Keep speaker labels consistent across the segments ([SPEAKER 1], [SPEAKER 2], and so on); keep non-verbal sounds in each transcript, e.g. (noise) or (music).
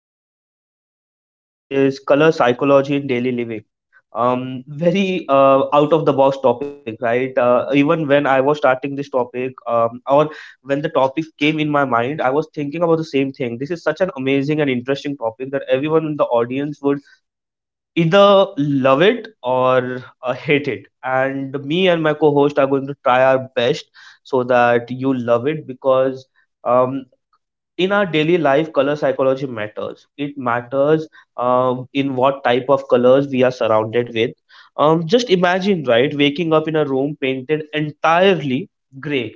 [SPEAKER 1] and the topic for today is color psychology in daily living. Very out of the box topic, right? Even when I was starting this topic, or when the topic came in my mind, I was thinking about the same thing. This is such an amazing and interesting topic that everyone in the audience would either love it or hate it, and me and my co-host are going to try our best so that you love it because um, in our daily life color psychology matters. In what type of colors we are surrounded with, just imagine, right? Waking up in a room painted entirely gray.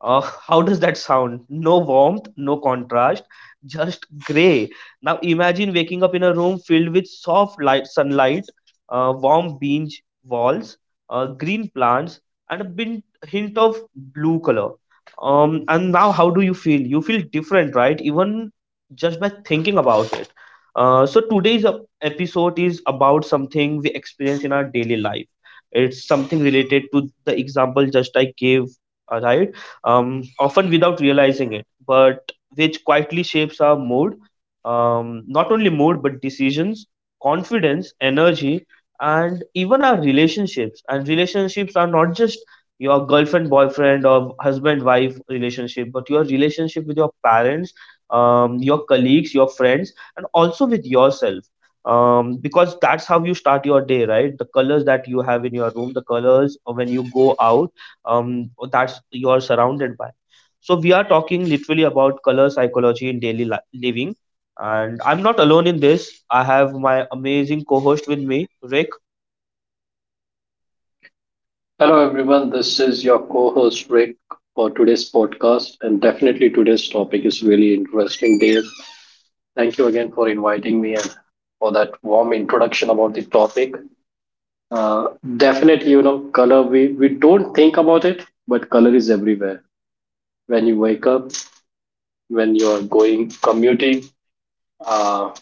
[SPEAKER 1] How does that sound? No warmth, no contrast, just gray. Now imagine waking up in a room filled with soft light, sunlight, warm beige walls, green plants, and a bit, hint of blue color. And now, how do you feel? You feel different, right? Even just by thinking about it. So today's episode is about something we experience in our daily life. It's something related to the example just I gave, right? Often without realizing it, but which quietly shapes our mood, not only mood, but decisions, confidence, energy, and even our relationships. And relationships are not just your girlfriend, boyfriend, or husband, wife relationship, but your relationship with your parents, your colleagues, your friends, and also with yourself. Because that's how you start your day, right? The colors that you have in your room, the colors when you go out, that's, you're surrounded by. So we are talking literally about color psychology in daily living, and I'm not alone in this. I have my amazing co-host with me, Rick.
[SPEAKER 2] Hello, everyone. This is your co host, Rick, for today's podcast. And definitely, today's topic is really interesting, Dave. Thank you again for inviting me and for that warm introduction about the topic. Uh, definitely, color, we don't think about it, but color is everywhere. When you wake up, when you're going commuting, uh,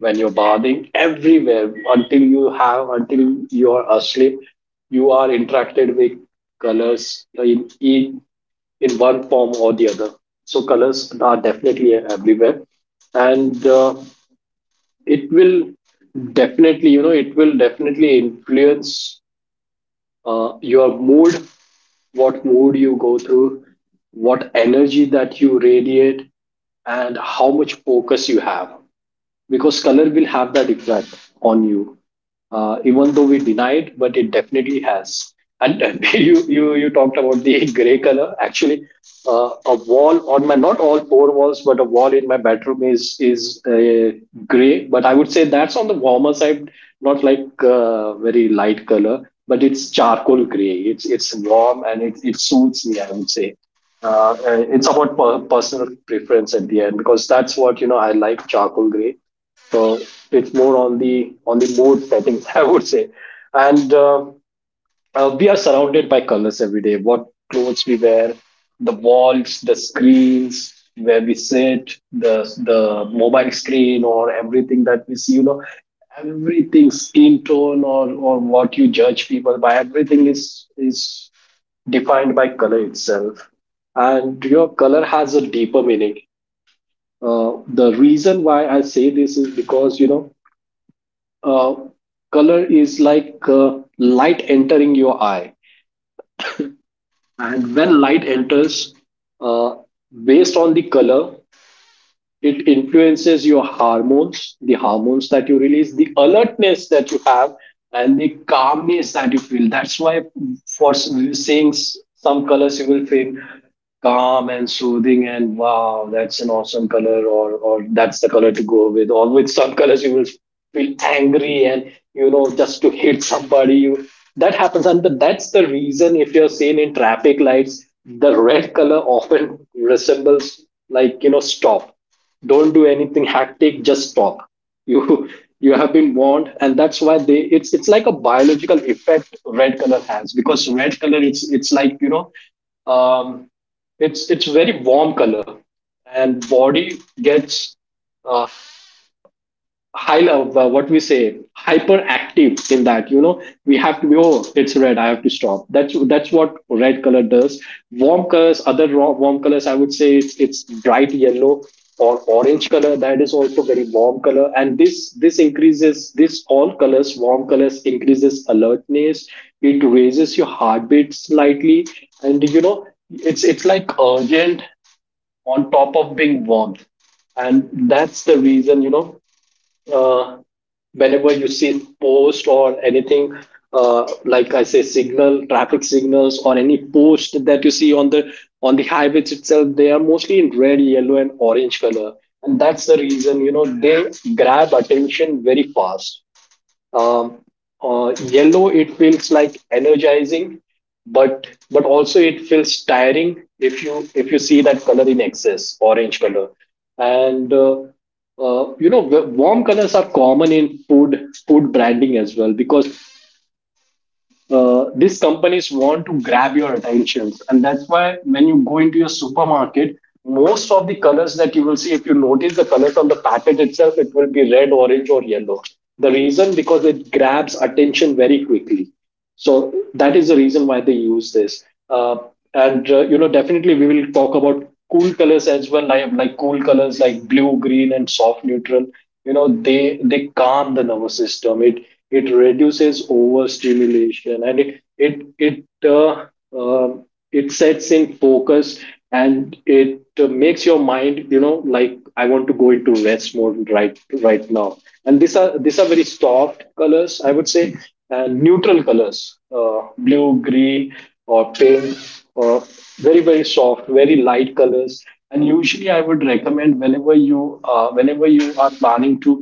[SPEAKER 2] when you're bathing, everywhere until you have, until you're asleep, you are interacted with colors in one form or the other. So colors are definitely everywhere, and it will definitely influence your mood, what mood you go through, what energy that you radiate, and how much focus you have because color will have that effect on you, even though we deny it, but it definitely has. And (laughs) You talked about the (laughs) gray color, actually. A wall on my, not all four walls, but a wall in my bedroom is gray, but I would say that's on the warmer side, not like very light color, but it's charcoal gray. It's warm, and it suits me, I would say. It's about personal preference at the end because that's what, I like charcoal gray. So it's more on the mood settings, (laughs) I would say. And we are surrounded by colors every day. What clothes we wear, the walls, the screens where we sit, the mobile screen, or everything that we see. Everything, skin tone, or what you judge people by, everything is defined by color itself. And your color has a deeper meaning. The reason why I say this is because, uh, color is like light entering your eye, and when light enters, uh, based on the color, it influences your hormones, the hormones that you release, the alertness that you have, and the calmness that you feel. That's why, for seeing some colors, you will feel calm and soothing, and wow, that's an awesome color, or that's the color to go with. Or with some colors, you will feel angry and, just to hit somebody. You That happens, and that's the reason, if you're seen in traffic lights, the red color often resembles, like, stop, don't do anything hectic, just stop. You (laughs) You have been warned, and that's why, they it's like a biological effect red color has, because red color, it's like, um it's very warm color. And body gets, uh, high level, what we say hyperactive, in that, we have to be, oh, it's red, I have to stop. That's what red color does. Warm colors, warm colors, I would say, it's bright yellow or orange color, that is also very warm color. And this increases, this all colors, warm colors increases alertness. It raises your heartbeat slightly, and, it's like urgent on top of being warm. And that's the reason, uh, whenever you see post or anything, like I say, signal traffic signals or any post that you see on the highways itself, they are mostly in red, yellow, and orange color. And that's the reason, they grab attention very fast. um, yellow, it feels like energizing, but also it feels tiring if you see that color in excess. Orange color. And warm colors are common in food branding as well, because these companies want to grab your attention, and that's why, when you go into your supermarket, most of the colors that you will see, if you notice the colors on the packet itself, it will be red, orange, or yellow. The reason, because it grabs attention very quickly. So that is the reason why they use this. And definitely, we will talk about cool colors as well, like cool colors, like blue, green, and soft neutral. They calm the nervous system, it reduces overstimulation, and um it sets in focus, and it makes your mind, like, I want to go into rest mode right now and these are very soft colors, I would say. And neutral colors, blue, green, or pink, or very, very soft, very light colors. And usually I would recommend, whenever you are planning to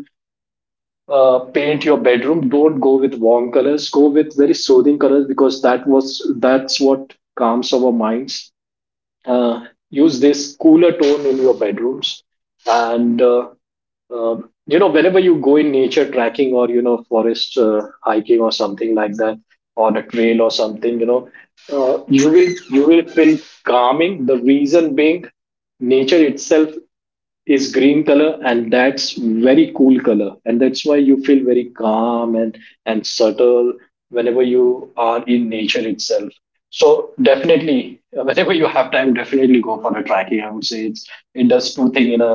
[SPEAKER 2] paint your bedroom, don't go with warm colors, go with very soothing colors, because that's what calms our minds. uh, use this cooler tone in your bedrooms. And uh, whenever you go in nature tracking, or, forest hiking or something like that, on a trail or something, you will feel calming. The reason being, nature itself is green color, and that's very cool color, and that's why you feel very calm and subtle whenever you are in nature itself. So definitely, (laughs) whenever you have time, definitely go for a trekking, I would say. It's it does two things. In a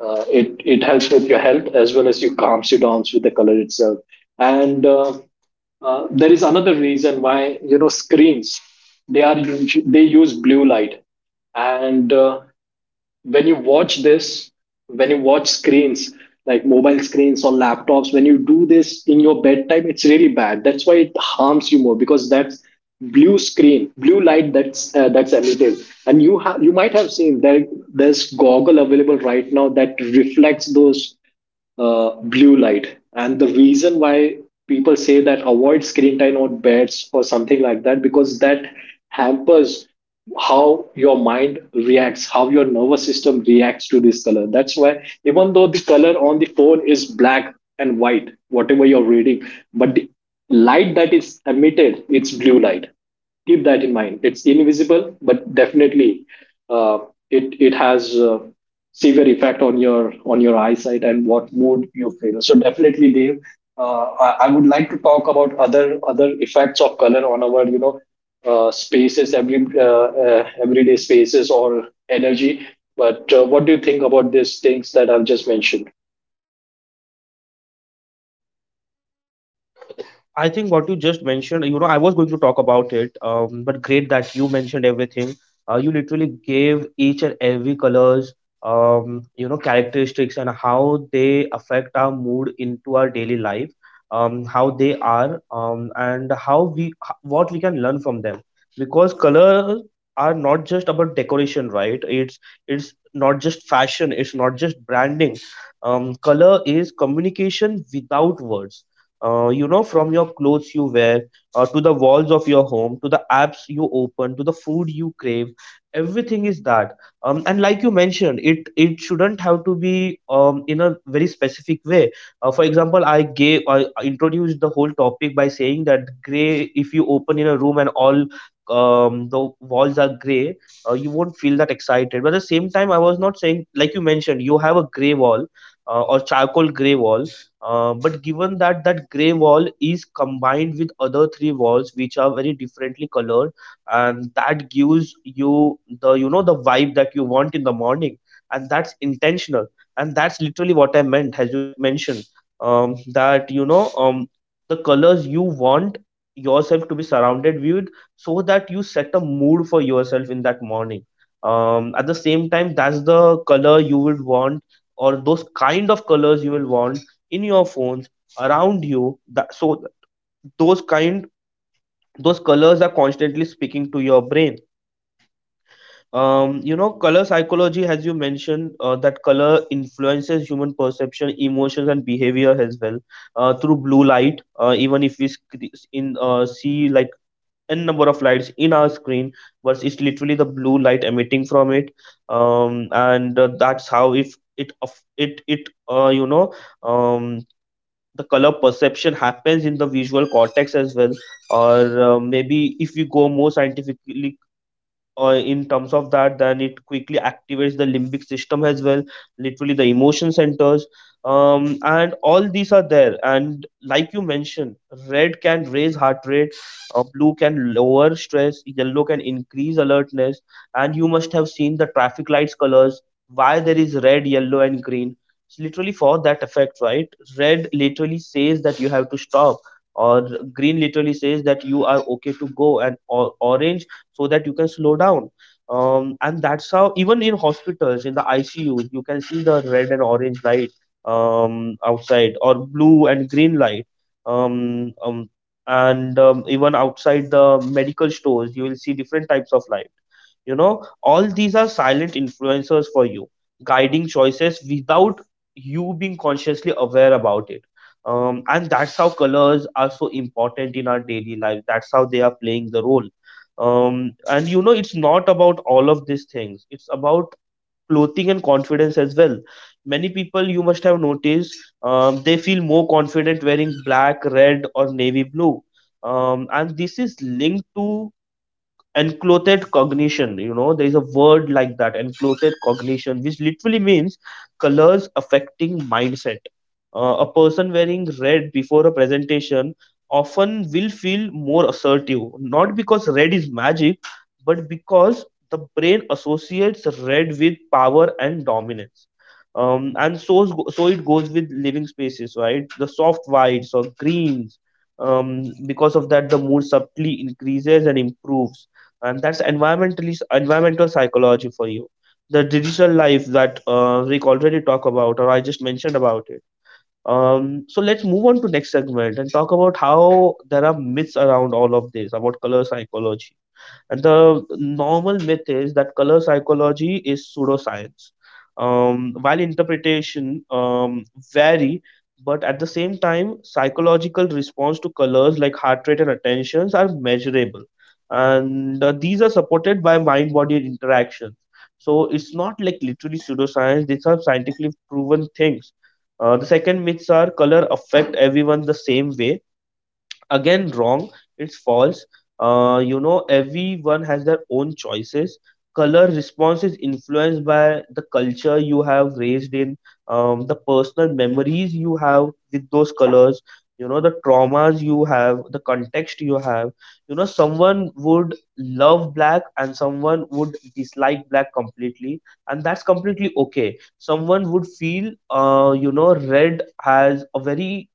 [SPEAKER 2] It helps with your health, as well as you calms you down with the color itself. And there is another reason why, screens, they are they use blue light. And when you watch this when you watch screens, like mobile screens or laptops, when you do this in your bedtime, it's really bad. That's why it harms you more, because that's blue light, that's emitted. And you might have seen, there's goggle available right now that reflects those blue light. And the reason why people say that, avoid screen time on beds or something like that, because that hampers how your mind reacts, how your nervous system reacts to this color. That's why, even though the color on the phone is black and white, whatever you're reading, but the light that is emitted, it's blue light. Keep that in mind. It's invisible, but definitely, uh, it has severe effect on your eyesight and what mood you feel. So definitely, Dave, I would like to talk about other effects of color on our, spaces, everyday spaces or energy. But what do you think about these things that I've just mentioned?
[SPEAKER 1] I think what you just mentioned, you know, I was going to talk about it, but great that you mentioned everything. You literally gave each and every colors, you know, characteristics and how they affect our mood into our daily life, how they are, and how we, h- what we can learn from them. Because colors are not just about decoration, right? It's not just fashion. It's not just branding. Color is communication without words. You know, from your clothes you wear, to the walls of your home, to the apps you open, to the food you crave, everything is that. And like you mentioned, it shouldn't have to be, in a very specific way. For example, I gave, I introduced the whole topic by saying that gray. If you open in a room and all, the walls are gray, you won't feel that excited. But at the same time, I was not saying like you mentioned, you have a gray wall or charcoal gray wall, but given that that gray wall is combined with other three walls which are very differently colored, and that gives you the, you know, the vibe that you want in the morning, and that's intentional, and that's literally what I meant, as you mentioned, that you know, the colors you want yourself to be surrounded with, so that you set a mood for yourself in that morning. At the same time, that's the color you would want, or those kind of colors you will want in your phones around you, those kind, those colors are constantly speaking to your brain. You know, color psychology as you mentioned, that color influences human perception, emotions, and behavior as well, through blue light. Even if we sc- in see like n number of lights in our screen, but it's literally the blue light emitting from it. And That's how, if it of it it you know, um, the color perception happens in the visual cortex as well, or maybe if we go more scientifically, in terms of that, then it quickly activates the limbic system as well, literally the emotion centers. And all these are there, and like you mentioned, red can raise heart rate, blue can lower stress, yellow can increase alertness. And you must have seen the traffic lights colors, why there is red, yellow, and green. It's literally for that effect, right? Red literally says that you have to stop, or green literally says that you are okay to go, orange so that you can slow down. And that's how even in hospitals in the ICU, you can see the red and orange light outside, or blue and green light. Um, um, and Even outside the medical stores, you will see different types of light. You know, all these are silent influencers for you, guiding choices without you being consciously aware about it. And that's how colors are so important in our daily life. That's how they are playing the role. And you know, it's not about all of these things, it's about clothing and confidence as well. Many people, you must have noticed, they feel more confident wearing black, red, or navy blue. And this is linked to enclothed cognition. You know, there is a word like that, enclothed cognition, which literally means colors affecting mindset. A person wearing red before a presentation often will feel more assertive, not because red is magic, but because the brain associates red with power and dominance. And so it goes with living spaces, right? The soft whites or greens, because of that the mood subtly increases and improves. And that's environmental psychology for you. The digital life that we already talk about, or I just mentioned about it. So let's move on to next segment and talk about how there are myths around all of this about color psychology. And the normal myth is that color psychology is pseudoscience. While interpretation, vary, but at the same time, psychological response to colors like heart rate and attentions are measurable, and these are supported by mind-body interactions. So it's not like literally pseudoscience; these are scientifically proven things. The second myths are color affect everyone the same way. Again, wrong. It's false. You know, everyone has their own choices. Color response is influenced by the culture you have raised in, the personal memories you have with those colors, you know, the traumas you have, the context you have. You know, someone would love black and someone would dislike black completely, and that's completely okay. Someone would feel, you know, red has a very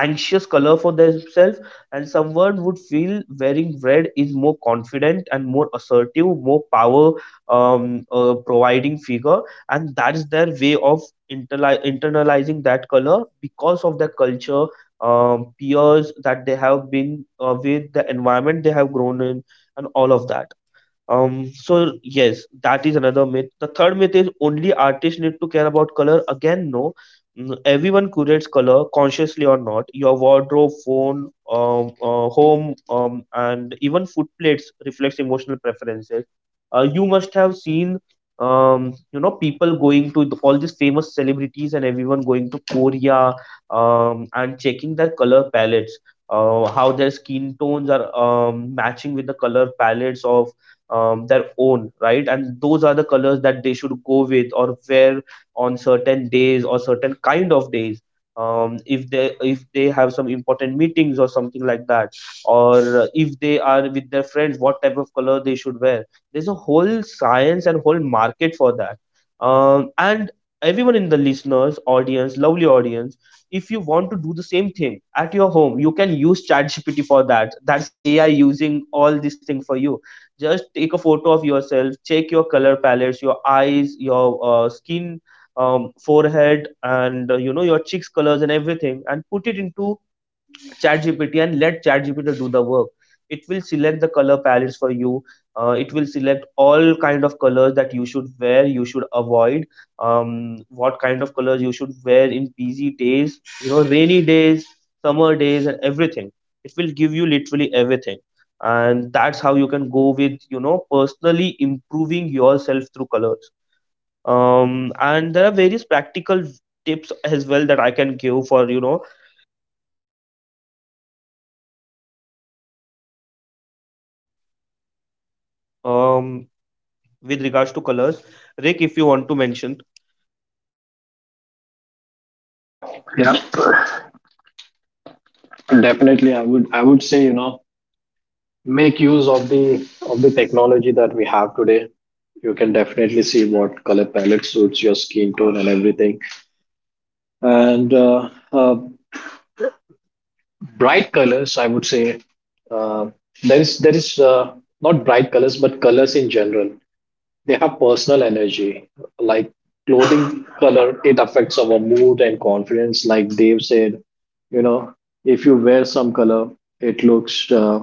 [SPEAKER 1] anxious color for themselves, and someone would feel wearing red is more confident and more assertive, more power, providing figure. And that's their way of internalizing that color because of their culture, peers that they have been with, the environment they have grown in, and all of that. So yes, that is another myth. The third myth is only artists need to care about color. Again, no. Mm, everyone curates color consciously or not. Your wardrobe, phone, home, and even food plates reflects emotional preferences. You must have seen, you know, people going to all these famous celebrities and everyone going to Korea, and checking their color palettes. How their skin tones are, matching with the color palettes of their own, right? And those are the colors that they should go with or wear on certain days or certain kind of days. If they have some important meetings or something like that, or if they are with their friends, what type of color they should wear. There's a whole science and whole market for that. And everyone in the listeners, audience, lovely audience, if you want to do the same thing at your home, you can use ChatGPT for that. That's AI using all these things for you. Just take a photo of yourself, check your color palettes, your eyes, your skin, forehead, and you know, your cheeks colors and everything, and put it into ChatGPT and let ChatGPT do the work. It will select the color palettes for you. It will select all kind of colors that you should wear, you should avoid. What kind of colors you should wear in busy days, you know, rainy days, summer days, and everything. It will give you literally everything, and that's how you can go with, you know, personally improving yourself through colors. And there are various practical tips as well that I can give for, you know, um with regards to colors. Rick, if you want to mention,
[SPEAKER 2] Yeah, definitely. I would say, make use of the technology that we have today. You can definitely see what color palette suits your skin tone and everything. And bright colors, I would say. Uh, there is not bright colors, but colors in general, they have personal energy. Like clothing color, it affects our mood and confidence, like Dave said. you know if you wear some color, it looks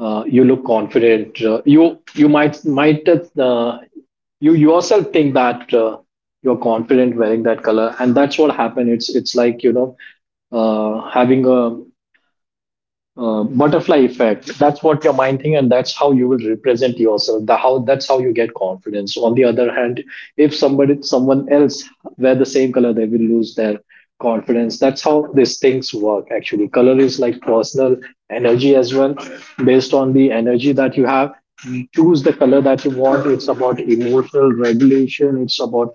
[SPEAKER 2] you look confident. You you might You yourself think that you're confident wearing that color, and that's what happened. It's like, having a butterfly effect. That's what your mind think, and that's how you will represent yourself. The how That's how you get confidence. On the other hand, if somebody someone else wear the same color, they will lose their confidence. That's how these things work. Actually, color is like personal energy as well. Based on the energy that you have, you choose the color that you want. It's about emotional regulation, it's about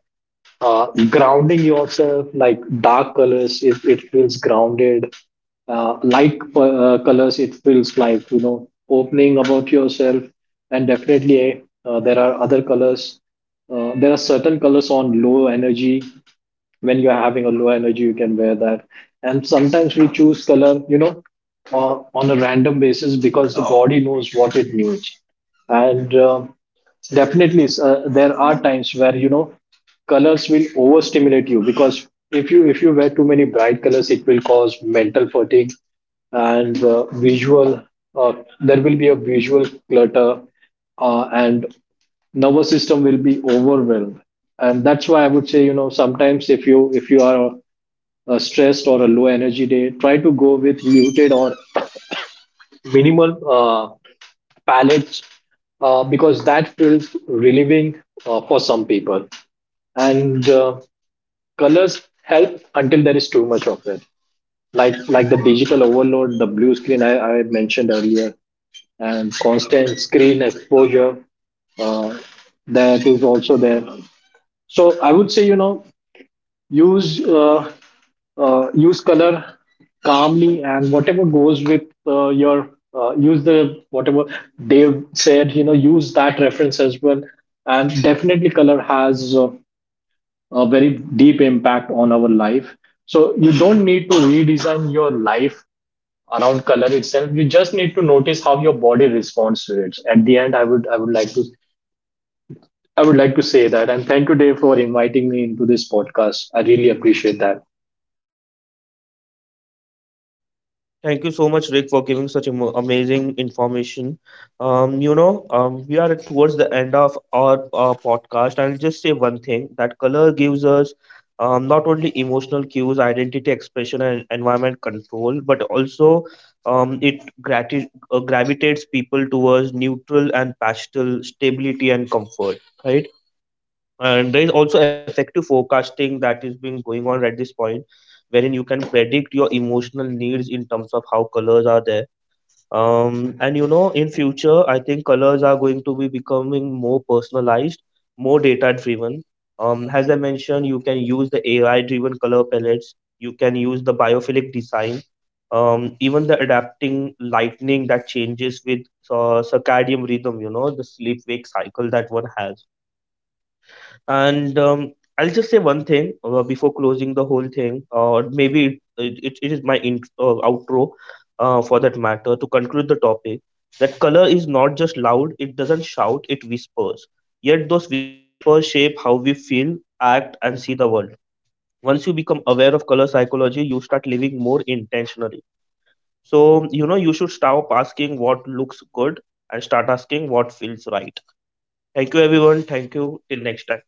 [SPEAKER 2] grounding yourself, like dark colors, it feels grounded. Light colors, it feels like, opening about yourself. And definitely, there are certain colors on low energy. When you're having a low energy, you can wear that. And sometimes we choose color, on a random basis, because the body knows what it needs. And definitely, there are times where, colors will overstimulate you, because if you wear too many bright colors, it will cause mental fatigue. And visual uh, there will be a visual clutter, and nervous system will be overwhelmed. And that's why I would say, sometimes, if you are stressed or a low energy day, try to go with muted or minimal palettes, because that feels relieving for some people. And colors help until there is too much of it, like the digital overload, the blue screen I mentioned earlier, and constant screen exposure, uh, that is also there. So I would say, use uh, use color calmly, and whatever goes with, your, use the whatever they've said. Use that reference as well. And definitely, color has a very deep impact on our life. So you don't need to redesign your life around color itself. You just need to notice how your body responds to it. At the end, I would like to say that. And thank you, Dave, for inviting me into this podcast. I really appreciate that.
[SPEAKER 1] thank you so much, Rick, for giving such amazing information. You know, we are towards the end of our podcast. I'll just say one thing, that color gives us not only emotional cues, identity expression, and environment control, but also it gravitates people towards neutral and pastel stability and comfort, right? And there is also effective forecasting that is being going on at this point, wherein you can predict your emotional needs in terms of how colors are there. And you know, in future, I think colors are going to be becoming more personalized, more data driven. As I mentioned, you can use the AI driven color palettes. You can use the biophilic design. Even the adapting lightning that changes with circadian rhythm, you know, the sleep wake cycle that one has. And I'll just say one thing before closing the whole thing, or maybe it is my outro for that matter, to conclude the topic, that color is not just loud, it doesn't shout, it whispers. Yet those whispers shape how we feel, act, and see the world. Once you become aware of color psychology, you start living more intentionally. So, you know, you should stop asking what looks good and start asking what feels right. Thank you, everyone. Thank you. Till next time.